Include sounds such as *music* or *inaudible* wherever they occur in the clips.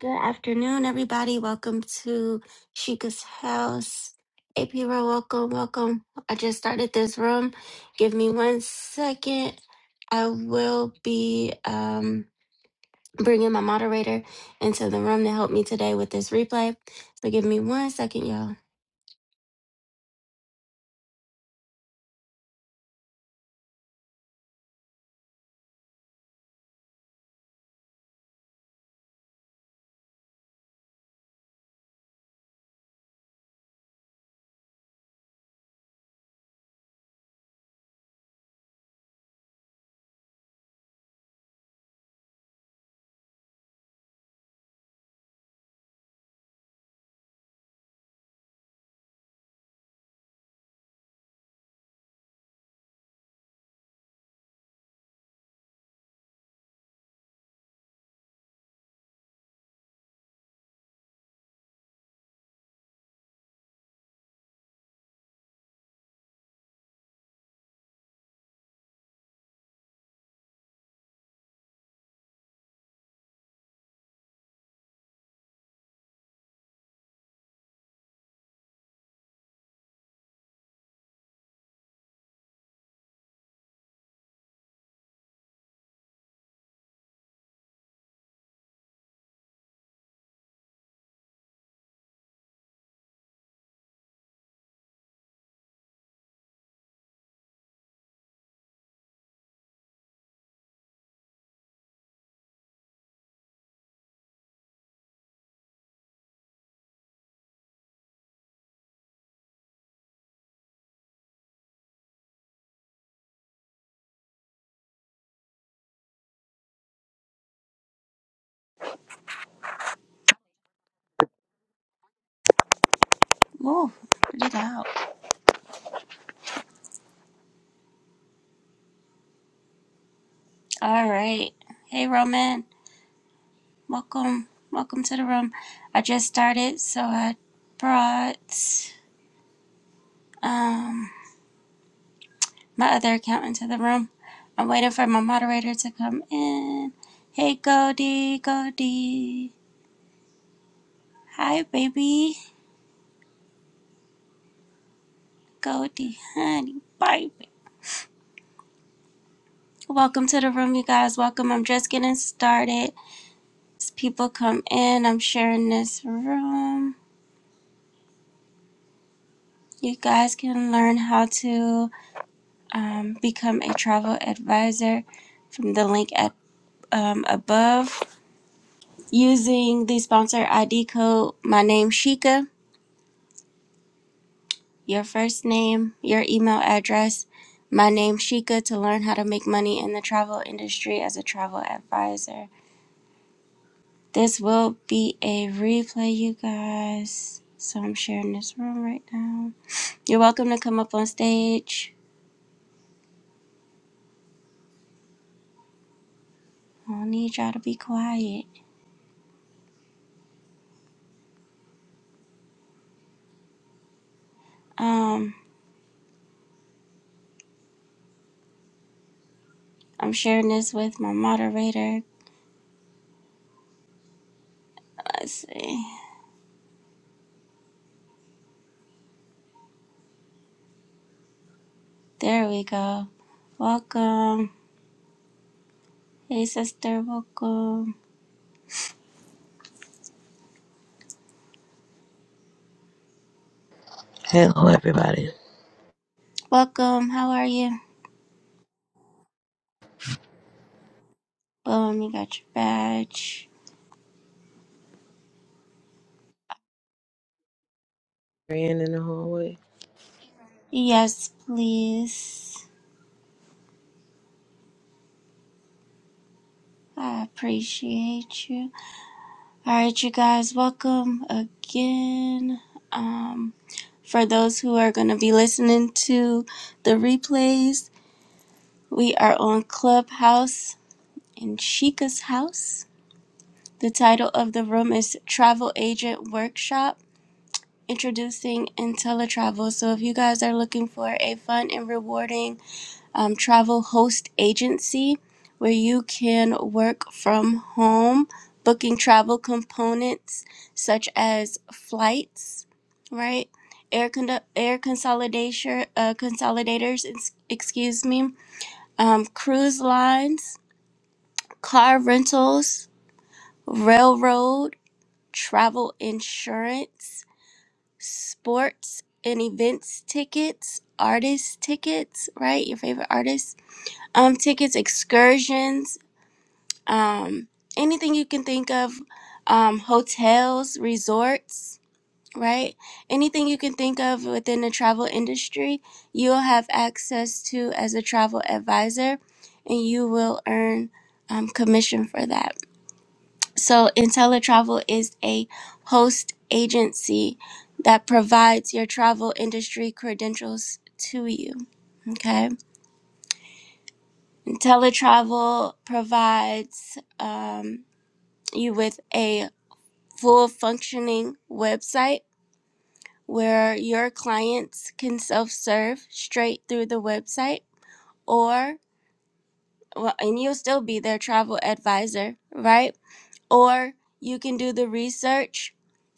Good afternoon, everybody. Welcome to Chica's house. AP Row, welcome, welcome. I just started this room. Give me one second. I will be um, bringing my moderator into the room to help me today with this replay. So give me one second, y'all. Move. Get out. All right. Hey, Roman. Welcome. Welcome to the room. I just started, so I brought um my other account into the room. I'm waiting for my moderator to come in. Hey, Goldie. Goldie. Hi, baby. Goldie, honey, Bye. Welcome to the room, you guys. Welcome. I'm just getting started. As people come in, I'm sharing this room. You guys can learn how to um, become a travel advisor from the link at um, above using the sponsor ID code. My name Shika. Your first name, your email address. My name Shika to learn how to make money in the travel industry as a travel advisor. This will be a replay, you guys. So I'm sharing this room right now. You're welcome to come up on stage. I don't need y'all to be quiet. Um, I'm sharing this with my moderator, Let's see. There we go. Welcome. Hey, sister. Welcome. Hello, everybody. Welcome. How are you? Boom. You got your badge. Ran in the hallway. Yes, please. I appreciate you. All right, you guys. Welcome again. Um, for those who are going to be listening to the replays, we are on Clubhouse in Chica's house. The title of the room is Travel Agent Workshop introducing IntelliTravel. So if you guys are looking for a fun and rewarding um, travel host agency where you can work from home, booking travel components such as flights, right? Air, con- air consolidation, uh, consolidators, excuse me, um, cruise lines, car rentals, railroad, travel insurance, sports and events tickets, artist tickets, right? Your favorite artists, um, tickets, excursions, um, anything you can think of, um, hotels, resorts, right? Anything you can think of within the travel industry, you'll have access to as a travel advisor, and you will earn um, commission for that. So, IntelliTravel is a host agency that provides your travel industry credentials to you. Okay. IntelliTravel provides um, you with a full functioning website where your clients can self serve straight through the website or well, and you'll still be their travel advisor, right? or you can do the research.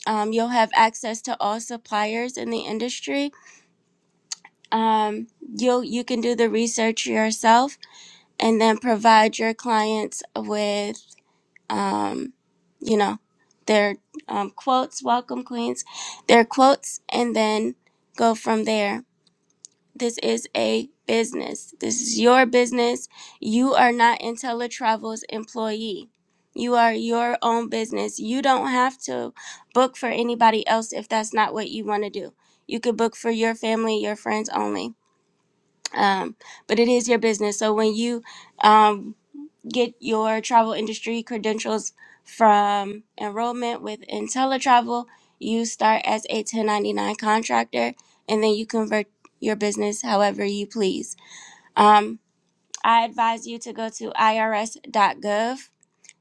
Um, you'll have access to all suppliers in the industry. Um, you you can do the research yourself and then provide your clients with, um, you know, their um, quotes, welcome queens, their quotes, and then go from there. This is a business. This is your business. You are not IntelliTravel's employee. You are your own business. You don't have to book for anybody else if that's not what you want to do. You could book for your family, your friends only. Um, but it is your business. So when you um, get your travel industry credentials from enrollment with IntelliTravel. You start as a 1099 contractor and then you convert your business however you please. Um, I advise you to go to IRS. dot gov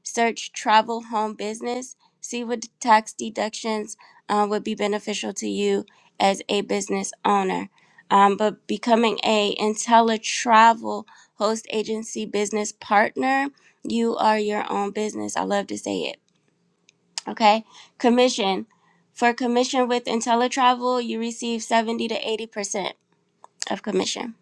search travel home business see what tax deductions uh, would be beneficial to you as a business owner um, but becoming a intella travel host agency business partner you are your own business i love to say it okay commission for commission with intella travel you receive 70 to 80 percent of commission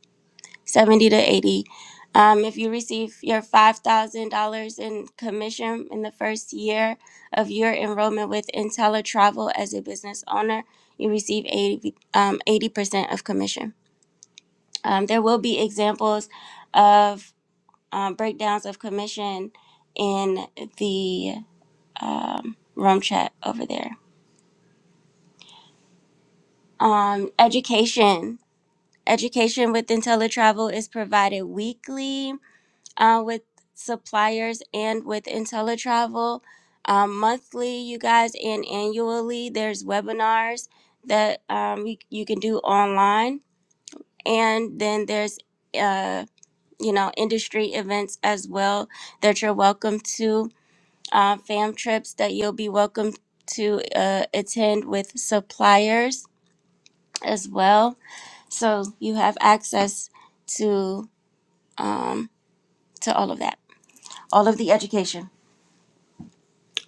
70 to 80. Um, if you receive your $5,000 in commission in the first year of your enrollment with IntelliTravel as a business owner, you receive 80, um, 80% of commission. Um, there will be examples of um, breakdowns of commission in the um, room chat over there. Um, education. Education with IntelliTravel is provided weekly uh, with suppliers and with IntelliTravel. Um, monthly, you guys, and annually, there's webinars that um, you, you can do online. And then there's, uh, you know, industry events as well that you're welcome to, uh, fam trips that you'll be welcome to uh, attend with suppliers as well. So you have access to to all of that, all of the education.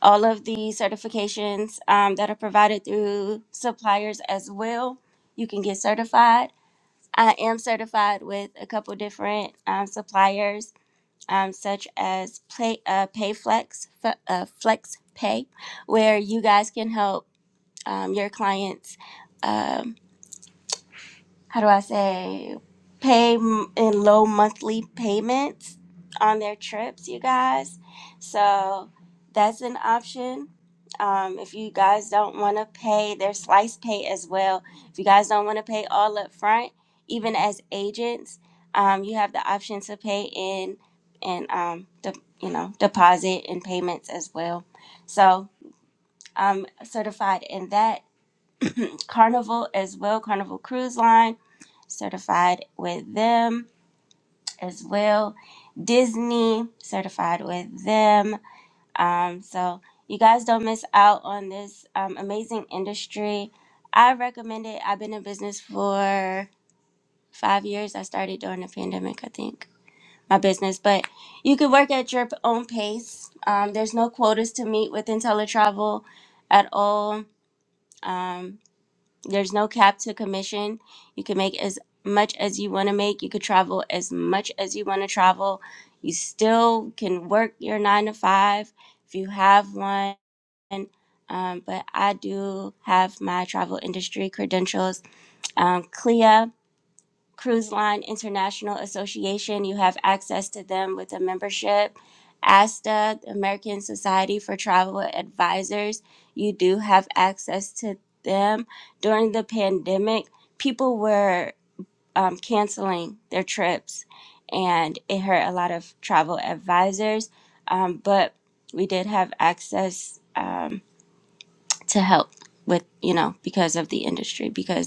all of the certifications um, that are provided through suppliers as well. You can get certified. I am certified with a couple different um, suppliers, um, such as Play, uh, PayFlex, F- uh, FlexPay, where you guys can help um, your clients. um, how do I say, pay m- in low monthly payments on their trips, you guys. So that's an option. Um, if you guys don't want to pay, there's slice pay as well. If you guys don't want to pay all up front, even as agents, um, you have the option to pay in and um, de- you know deposit and payments as well. So I'm certified in that Carnival as well, Carnival Cruise Line, certified with them as well. Disney, certified with them. Um, so you guys don't miss out on this um, amazing industry. I recommend it. I've been in business for five years. I started during the pandemic, I think, my business. But you can work at your own pace. Um, there's no quotas to meet with IntelliTravel at all. Um, there's no cap to commission. You can make as much as you want to make. You could travel as much as you want to travel. You still can work your nine to five if you have one. Um, but I do have my travel industry credentials. Um, CLIA, Cruise Line International Association. You have access to them with a membership. ASTA, the American Society for Travel Advisors, you do have access to them. During the pandemic, people were um, canceling their trips and it hurt a lot of travel advisors. Um, but we did have access um, to help with, you know, because of the industry, because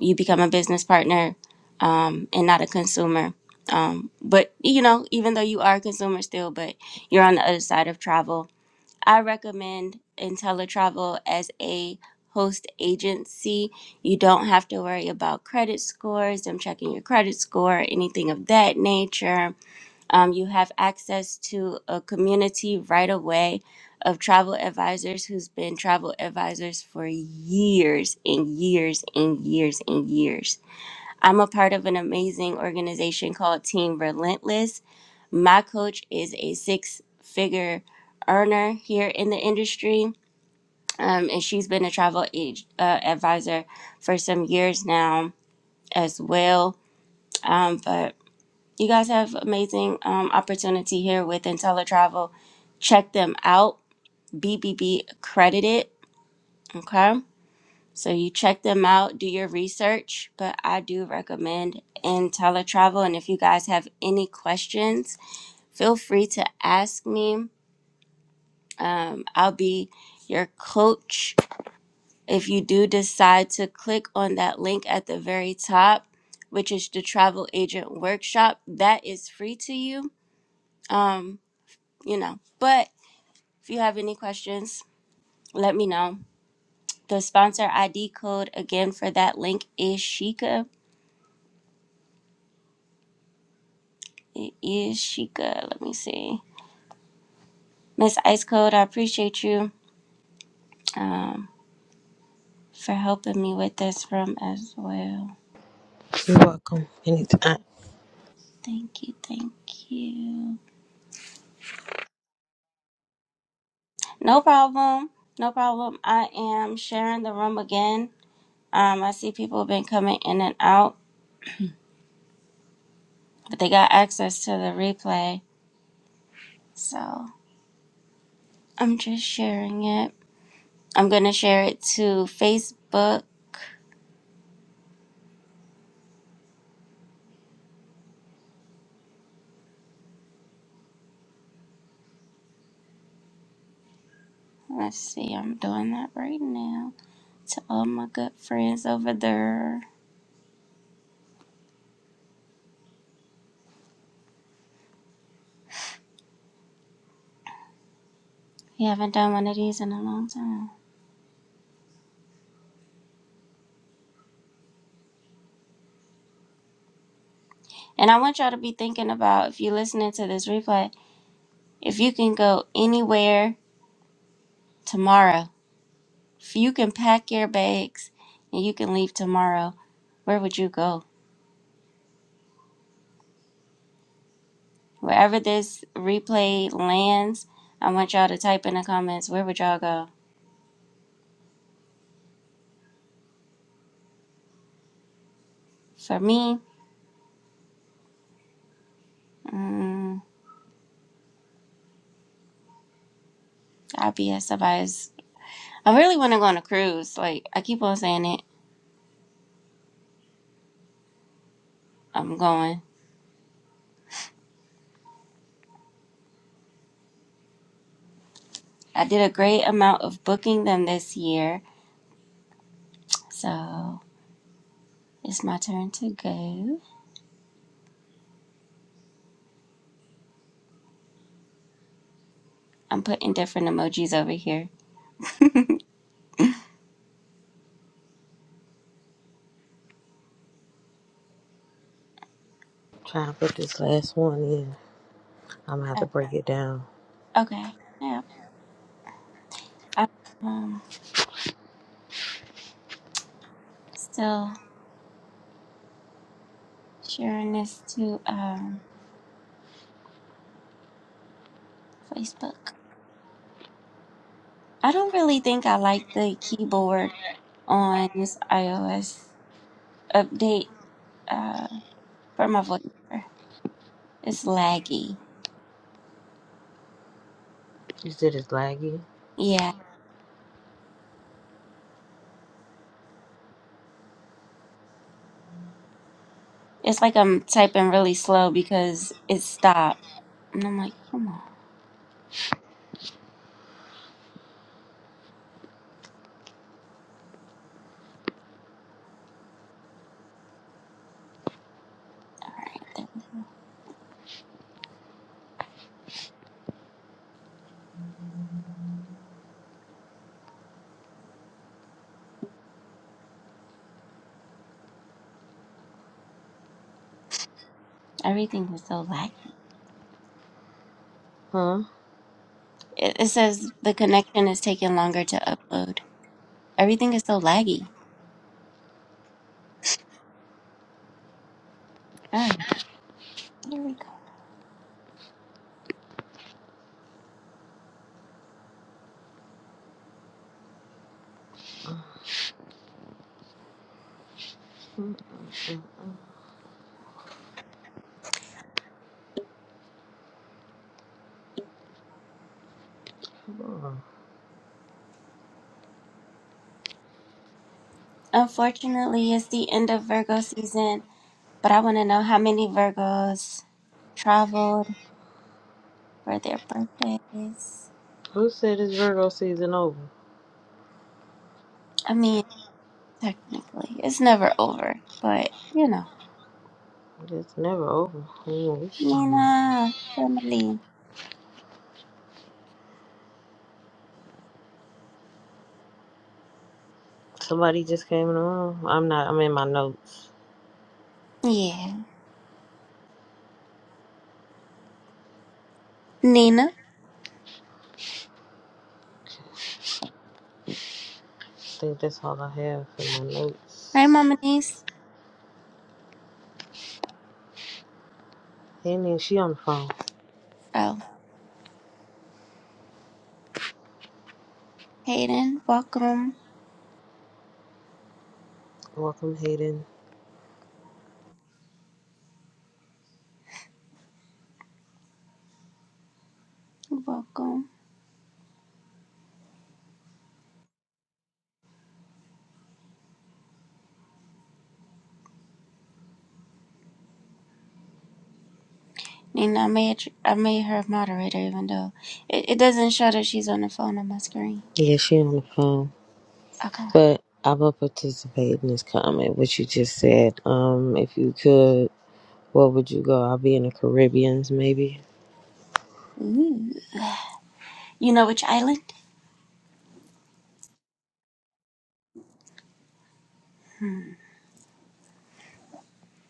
you become a business partner um, and not a consumer. Um, but you know, even though you are a consumer still, but you're on the other side of travel. I recommend IntelliTravel as a host agency. You don't have to worry about credit scores, them checking your credit score, anything of that nature um, you have access to a community right away of travel advisors who's been travel advisors for years and years and years and years. I'm a part of an amazing organization called Team Relentless. My coach is a six figure earner here in the industry, um, and she's been a travel age, uh, advisor for some years now as well. Um, but you guys have amazing um, opportunity here with IntelliTravel. Check them out. BBB accredited. Okay. So you check them out, do your research, but I do recommend IntelliTravel. And if you guys have any questions, feel free to ask me. Um, I'll be your coach. If you do decide to click on that link at the very top, which is the travel agent workshop, that is free to you. Um, you know, but If you have any questions, let me know. The sponsor ID code again for that link is Sheikah. It is Sheikah. Let me see. Miss Ice Code, I appreciate you um, for helping me with this room as well. You're welcome. Anytime. Thank you. Thank you. No problem. No problem. I am sharing the room again. Um, I see people have been coming in and out, but they got access to the replay. So I'm just sharing it. I'm going to share it to Facebook. Let's see, I'm doing that right now to all my good friends over there. We haven't done one of these in a long time. And I want y'all to be thinking about if you're listening to this replay, if you can go anywhere tomorrow, if you can pack your bags and you can leave tomorrow, where would you go? Wherever this replay lands, I want y'all to type in the comments, where would y'all go? For me, mm, I'll be at somebody's I really want to go on a cruise. Like, I keep on saying it. I'm going. I did a great amount of booking them this year. So it's my turn to go. I'm putting different emojis over here. Try and put this last one in. I'm gonna have Uh, to break it down. okay. Yeah. I'm um, still sharing this to um, Facebook. I don't really think I like the keyboard on this iOS update uh, for my voiceover. It's laggy. You said it's laggy, Yeah. It's like I'm typing really slow because it stopped. And I'm like, come on. All right. there- Everything is so laggy. huh? It, it says the connection is taking longer to upload. Everything is so laggy. Ah, there we go. Unfortunately, it's the end of Virgo season, but I want to know how many Virgos traveled for their birthdays. Who said it's Virgo season over? I mean, technically, it's never over, but you know. It's never over. I don't know what you talking about. Nina, family. Somebody just came in the room. I'm not. I'm in my notes. Yeah. Nina. I think that's all I have for my Hi, notes. Mama Niece. Hayden, she on the phone. Oh, Hayden, welcome, Welcome, Hayden. welcome. And I made I made her moderator, even though it, it doesn't show that she's on the phone on my screen. Yeah, she on the phone. Okay. But I will participate in this comment, what you just said. Um, if you could, where would you go? I'll be in the Caribbeans, maybe. Ooh. You know which island?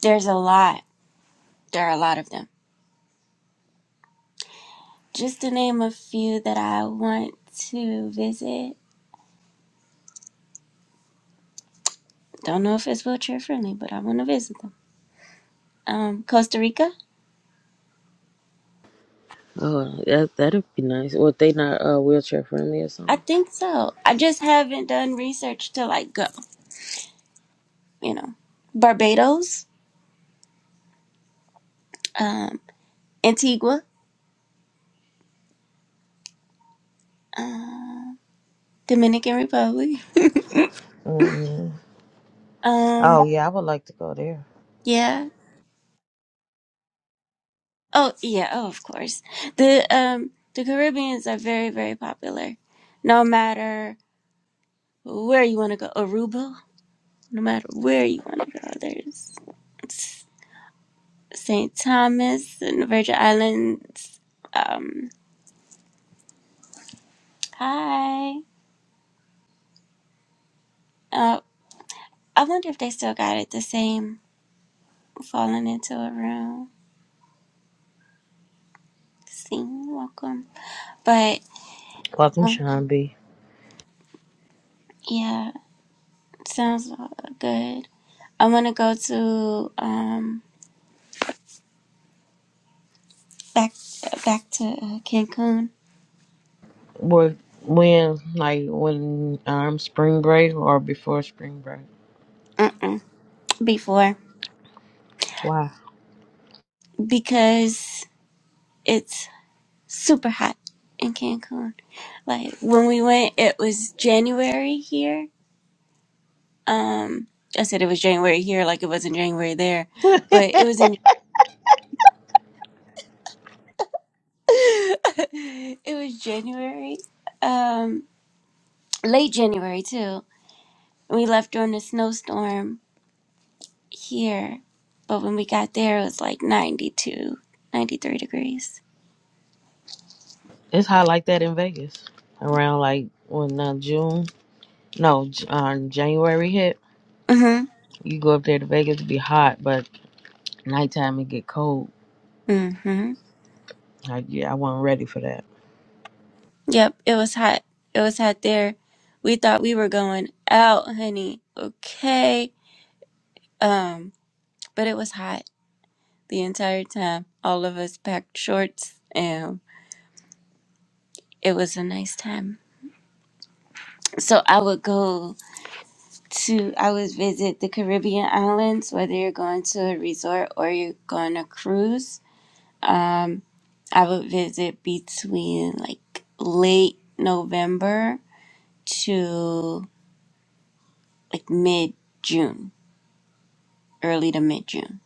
There's a lot. There are a lot of them. Just to name a few that I want to visit. Don't know if it's wheelchair friendly, but I want to visit them. Um, Costa Rica. Oh, that that'd be nice. Well, they not uh, wheelchair friendly or I something. think so. I just haven't done research to like go. You know, Barbados, um, Antigua. Um. Dominican Republic. mm Um, Oh yeah, I would like to go there. yeah. Oh, yeah. Oh, of course. The um the Caribbeans are very very popular. No matter where you want to go, Aruba. No matter where you want to go, there's St. Thomas and the Virgin Islands. Um, hi. Uh, I wonder if they still got it the same. Falling into a room. See, welcome. But Welcome, um, Sean B. yeah, sounds uh, good. I want to go to um back back to uh, Cancun. Well, when like when um spring break or before spring break? Uh-uh, before Why? because it's super hot in Cancun. Like when we went, it was January here. Um, I said it was January here, like it wasn't January there, *laughs* but it was in. *laughs* it was January, um, late January too. We left during a snowstorm here, but when we got there, it was like 92, 93 degrees. it's hot like that in Vegas around like when uh, June, no, J- uh, January hit. Mm You go up there to Vegas, it be hot, but nighttime it get cold. hmm. Mm hmm. Like, yeah, I wasn't ready for that. Yep, it was hot. It was hot there. We thought we were going out, honey. Okay. Um, but it was hot the entire time. All of us packed shorts and it was a nice time. So I would go to, I would visit the Caribbean islands, whether you're going to a resort or you're going on a cruise. Um. I would visit between like late November to like mid June, early to mid June,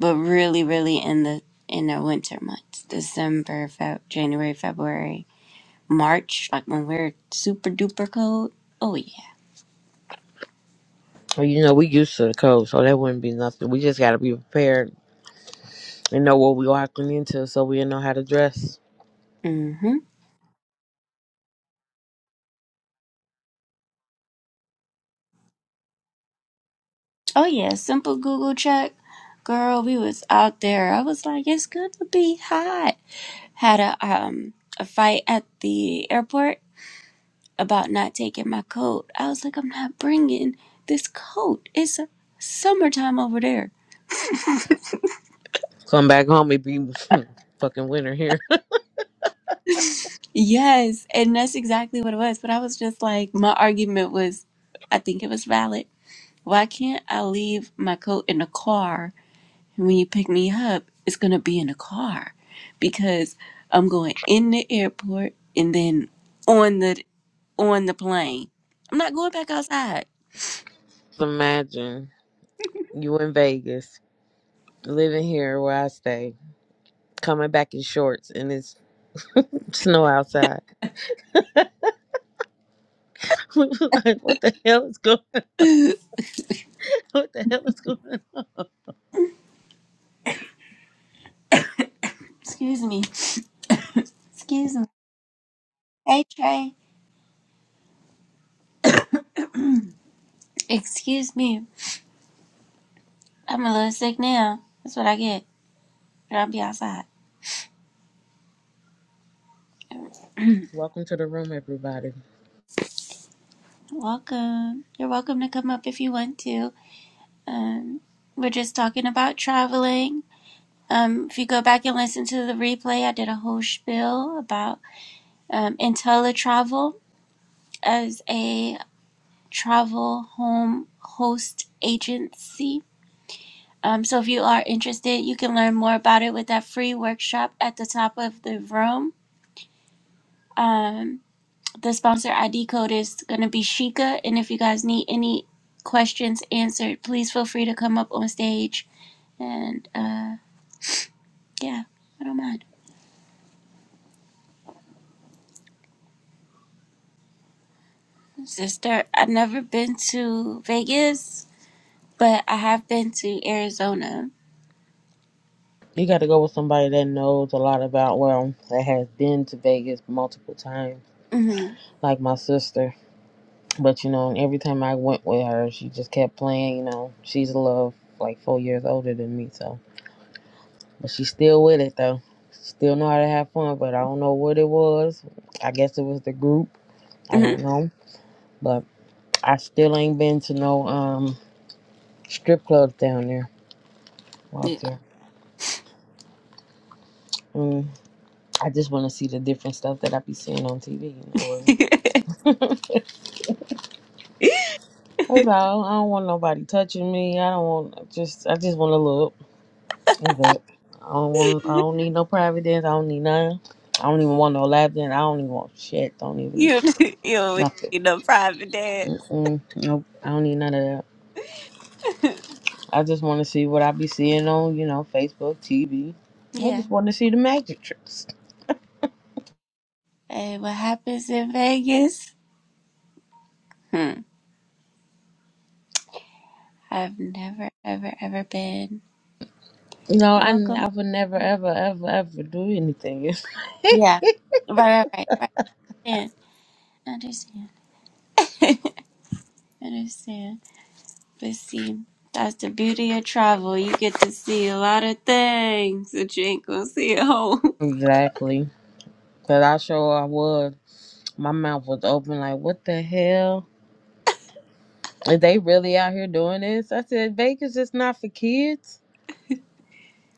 but really, really in the in the winter months, December, Feb, January, February, March, like when we're super duper cold. Oh yeah. Well, you know, we used to the cold, so that wouldn't be nothing. We just gotta be prepared and know what we walking into, so we know how to dress. Mhm. Oh yeah. Simple Google check, girl. We was out there. I was like, it's gonna be hot. Had a um a fight at the airport about not taking my coat. I was like, I'm not bringing this coat. It's summertime over there. Come back home, it be *laughs* fucking winter here. Yes. And that's exactly what it was. But I was just like, my argument was, I think it was valid. Why can't I leave my coat in the car? And when you pick me up, it's going to be in the car because I'm going in the airport and then on the on the plane. I'm not going back outside. *laughs* Just Imagine you in Vegas, living here where I stay, coming back in shorts, and it's snow outside. *laughs* like, what the hell is going? *laughs* *laughs* *clears throat* What the hell is going? Excuse me. Excuse me. Hey Trey. Excuse me. I'm a little sick now. That's what I get. But I'll be outside. Welcome to the room, everybody. Welcome. You're welcome to come up if you want to. Um, we're just talking about traveling. Um, if you go back and listen to the replay, I did a whole spiel about um, IntelliTravel as a travel home host agency. Um, so if you are interested, you can learn more about it with that free workshop at the top of the room. Um, The sponsor ID code is going to be Shika. And if you guys need any questions answered, please feel free to come up on stage. And uh, yeah, I don't mind. Sister, I've never been to Vegas, but I have been to Arizona. You got to go with somebody that knows a lot about, well, that has been to Vegas multiple times, hmm like my sister. But, you know, and every time I went with her, she just kept playing, you know, she's a little, like, four years older than me, so. But she's still with it, though. She Still know how to have fun, but I don't know what it was. I guess it was the group. I hmm don't know. But I still ain't been to no um strip clubs down there. *laughs* Well, up there. Mm, I just want to see the different stuff that I be seeing on TV, you know. That's all. I don't want nobody touching me. I don't want just. I just want to look. That's it. I don't want. I don't need no private dance. I don't need nothing. I don't even want no lap dance. I don't even want shit. Don't even You you don't nothing. need no private dance. Mm-mm. Nope. I don't need none of that. *laughs* I just want to see what I be seeing on you know Facebook, TV. I Yeah. just want to see the magic tricks. And what happens in Vegas? Hmm. I've never, ever, ever been. You know, I, n- Welcome. I would never, ever, ever, ever do anything. Yeah. Right, right, right. right. I understand. *laughs* I understand. But see, that's the beauty of travel. You get to see a lot of things that you ain't gonna see at home. *laughs* exactly. Cause I sure I would. My mouth was open like, what the hell? If they really out here doing this, I said Vegas is not for kids,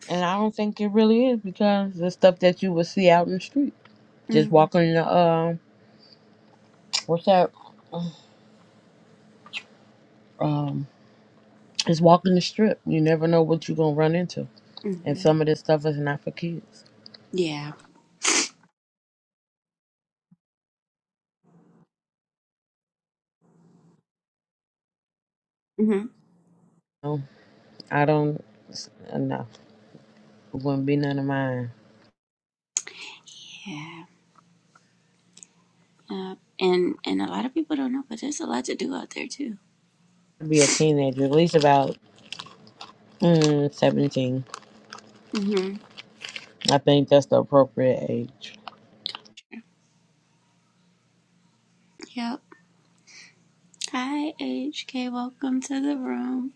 and I don't think it really is because the stuff that you would see out in the street, *laughs* just walking the um, what's that? *sighs* Um, just walking the strip. You never know what you're gonna run into, and Mm-hmm. some of this stuff is not for kids. Yeah. hmm No, I don't. No, it wouldn't be none of mine. Yeah. Uh, and and a lot of people don't know, but there's a lot to do out there too. I'd be a teenager, at least about mm, 17. hmm I think that's the appropriate age. Yep. Hi, HK. Welcome to the room.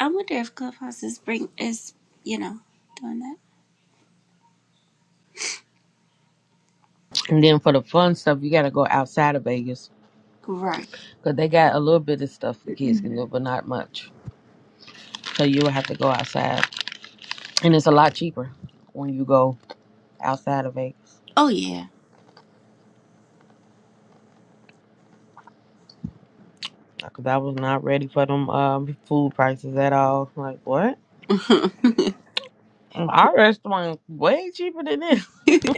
I wonder if Clubhouse is bring is you know doing that. And then for the fun stuff, you gotta go outside of Vegas Right. Because they got a little bit of stuff the kids can Mm-mm. do, but not much. So you would have to go outside. And it's a lot cheaper when you go outside of Vegas. Oh yeah. Because I was not ready for them um, food prices at all. Like, what? Mm, Our restaurant way cheaper than this. *laughs* *laughs*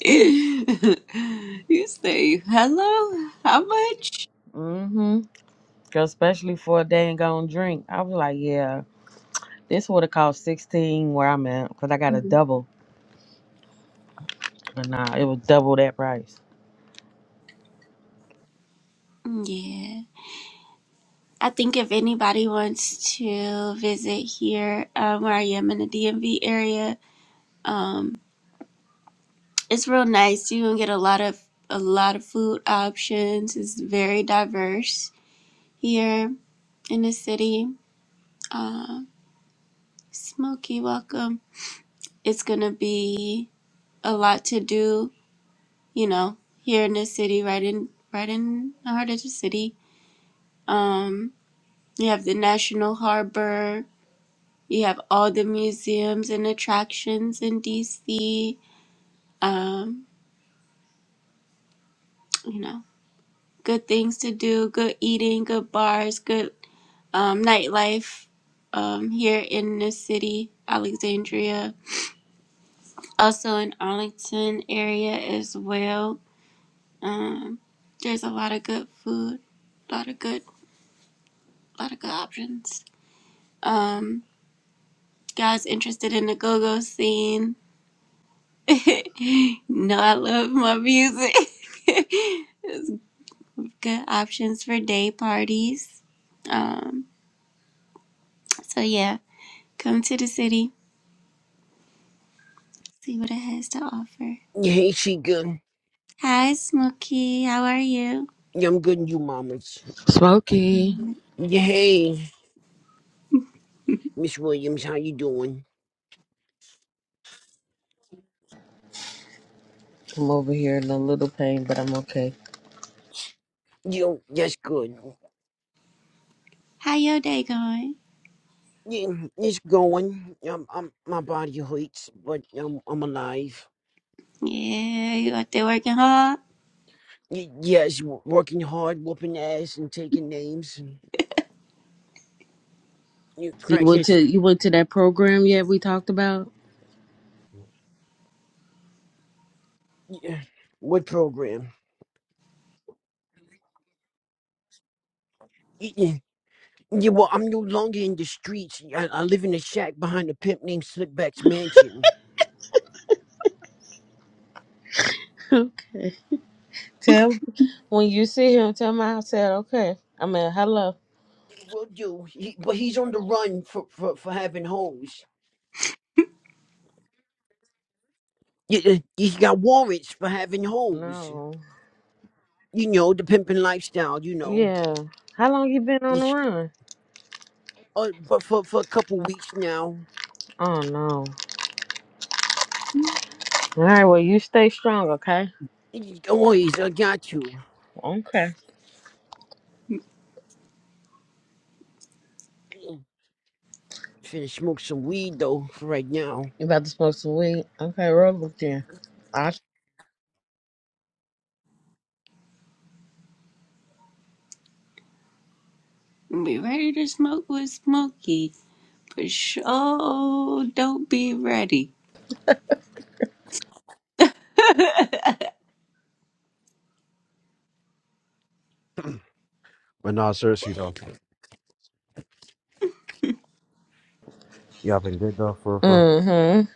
*laughs* you say hello? How much? Mm-hmm. Especially for a day and gone drink. I was like, yeah, this would have cost 16 where I'm at. Because I got a Mhm. double. But nah, it was double that price. Yeah. I think if anybody wants to visit here, um, where I am in the DMV area, um, it's real nice. You can get a lot of a lot of food options. It's very diverse here in the city. Um, Smoky, welcome. It's gonna be a lot to do, you know, here in the city, right in right in the heart of the city Um, you have the National Harbor. You have all the museums and attractions in DC. Um, you know, good things to do, good eating, good bars, good um, nightlife um, here in the city, Alexandria. Also in Arlington area as well. Um, there's a lot of good food, a lot of good, a lot of good options. Um, guys interested in the go-go scene *laughs* no, I love my music. *laughs* It's Good options for day parties. Um, so yeah, come to the city, see what it has to offer. Yeah, Hey, she good. Hi, Smokey, how are you? *laughs* Yeah, I'm good, and you, mamas. Smokey, Mm. Yeah, hey, Miss Williams, how you doing? I'm over here in a little pain, but I'm okay. Yo, that's good. How your day going? Yeah, it's going. Um, I'm, my body hurts, but I'm, I'm alive. Yeah, you out there working hard? Y- yes, w- working hard, whooping ass, and taking names. You You went crackheads. to you went to that program yet? We talked about. *laughs* Yeah. What program? Y- Yeah, yeah, well, I'm no longer in the streets. I, I live in a shack behind a pimp named Slickback's mansion. Okay. Tell when you see him. Tell me I said okay. I mean hello. Will do, he, but he's on the run for, for, for having hoes. You, you got warrants for having hoes. No. You know the pimping lifestyle. You know, Yeah. How long you been on the It's- run? uh, but for for a couple weeks now, Oh no. All right. Well, you stay strong. Okay. you- always I got you. Okay. Finna smoke some weed though for right now. You about to smoke some weed? Okay. Roll up then. I. Be ready to smoke with Smokey. For sure, don't be ready. *laughs* But no, seriously though, y'all been good though for for. Mm-hmm.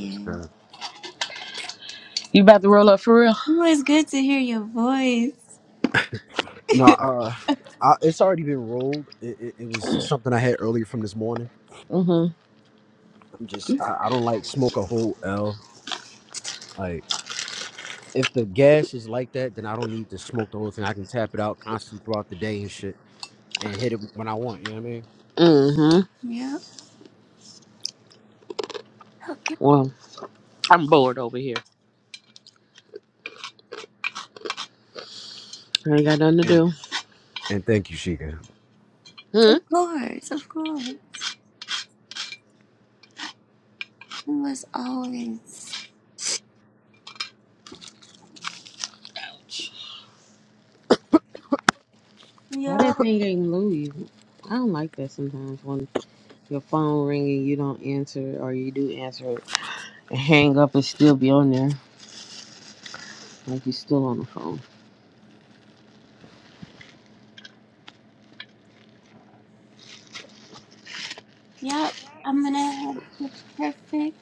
That's good. You about to roll up for real? Ooh, it's good to hear your voice. No, uh, I, it's already been rolled. It, it, it was something I had earlier from this morning. Mm-hmm. I'm just I, I don't like smoke a whole L. Like if the gas is like that, then I don't need to smoke the whole thing. I can tap it out constantly throughout the day and shit. and hit it when I want. You know what I mean? Mm-hmm. *laughs* Yeah. Oh, yeah, Well, I'm bored over here. I ain't got nothing to And do. and thank you, Sheikah. Hmm. of course, of course. It was always, Why yeah, that thing ain't move? you? I don't like that sometimes. when Your phone ringing, you don't answer, or you do answer it and hang up and still be on there like you still on the phone. yep. I'm gonna have the perfect.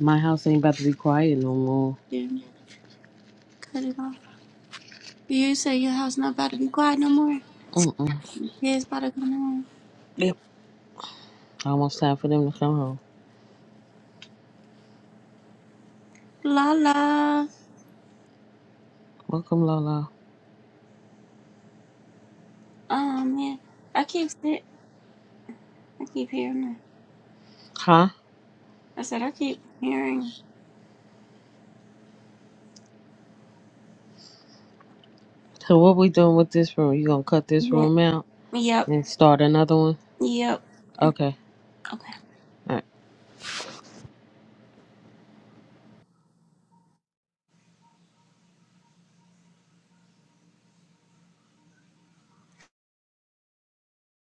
My house ain't about to be quiet no more. You cut it off. You say your house not about to be quiet no more. Mm-mm. Your kids about to come home. Yep. Almost time for them to come home. La la. Welcome, Lola. Oh man, I keep sit. I keep hearing that. Huh? I said I keep hearing. So what we doing with this room? You gonna cut this Yeah. room out Yep. and start another one? Yep. Okay. Okay. All right.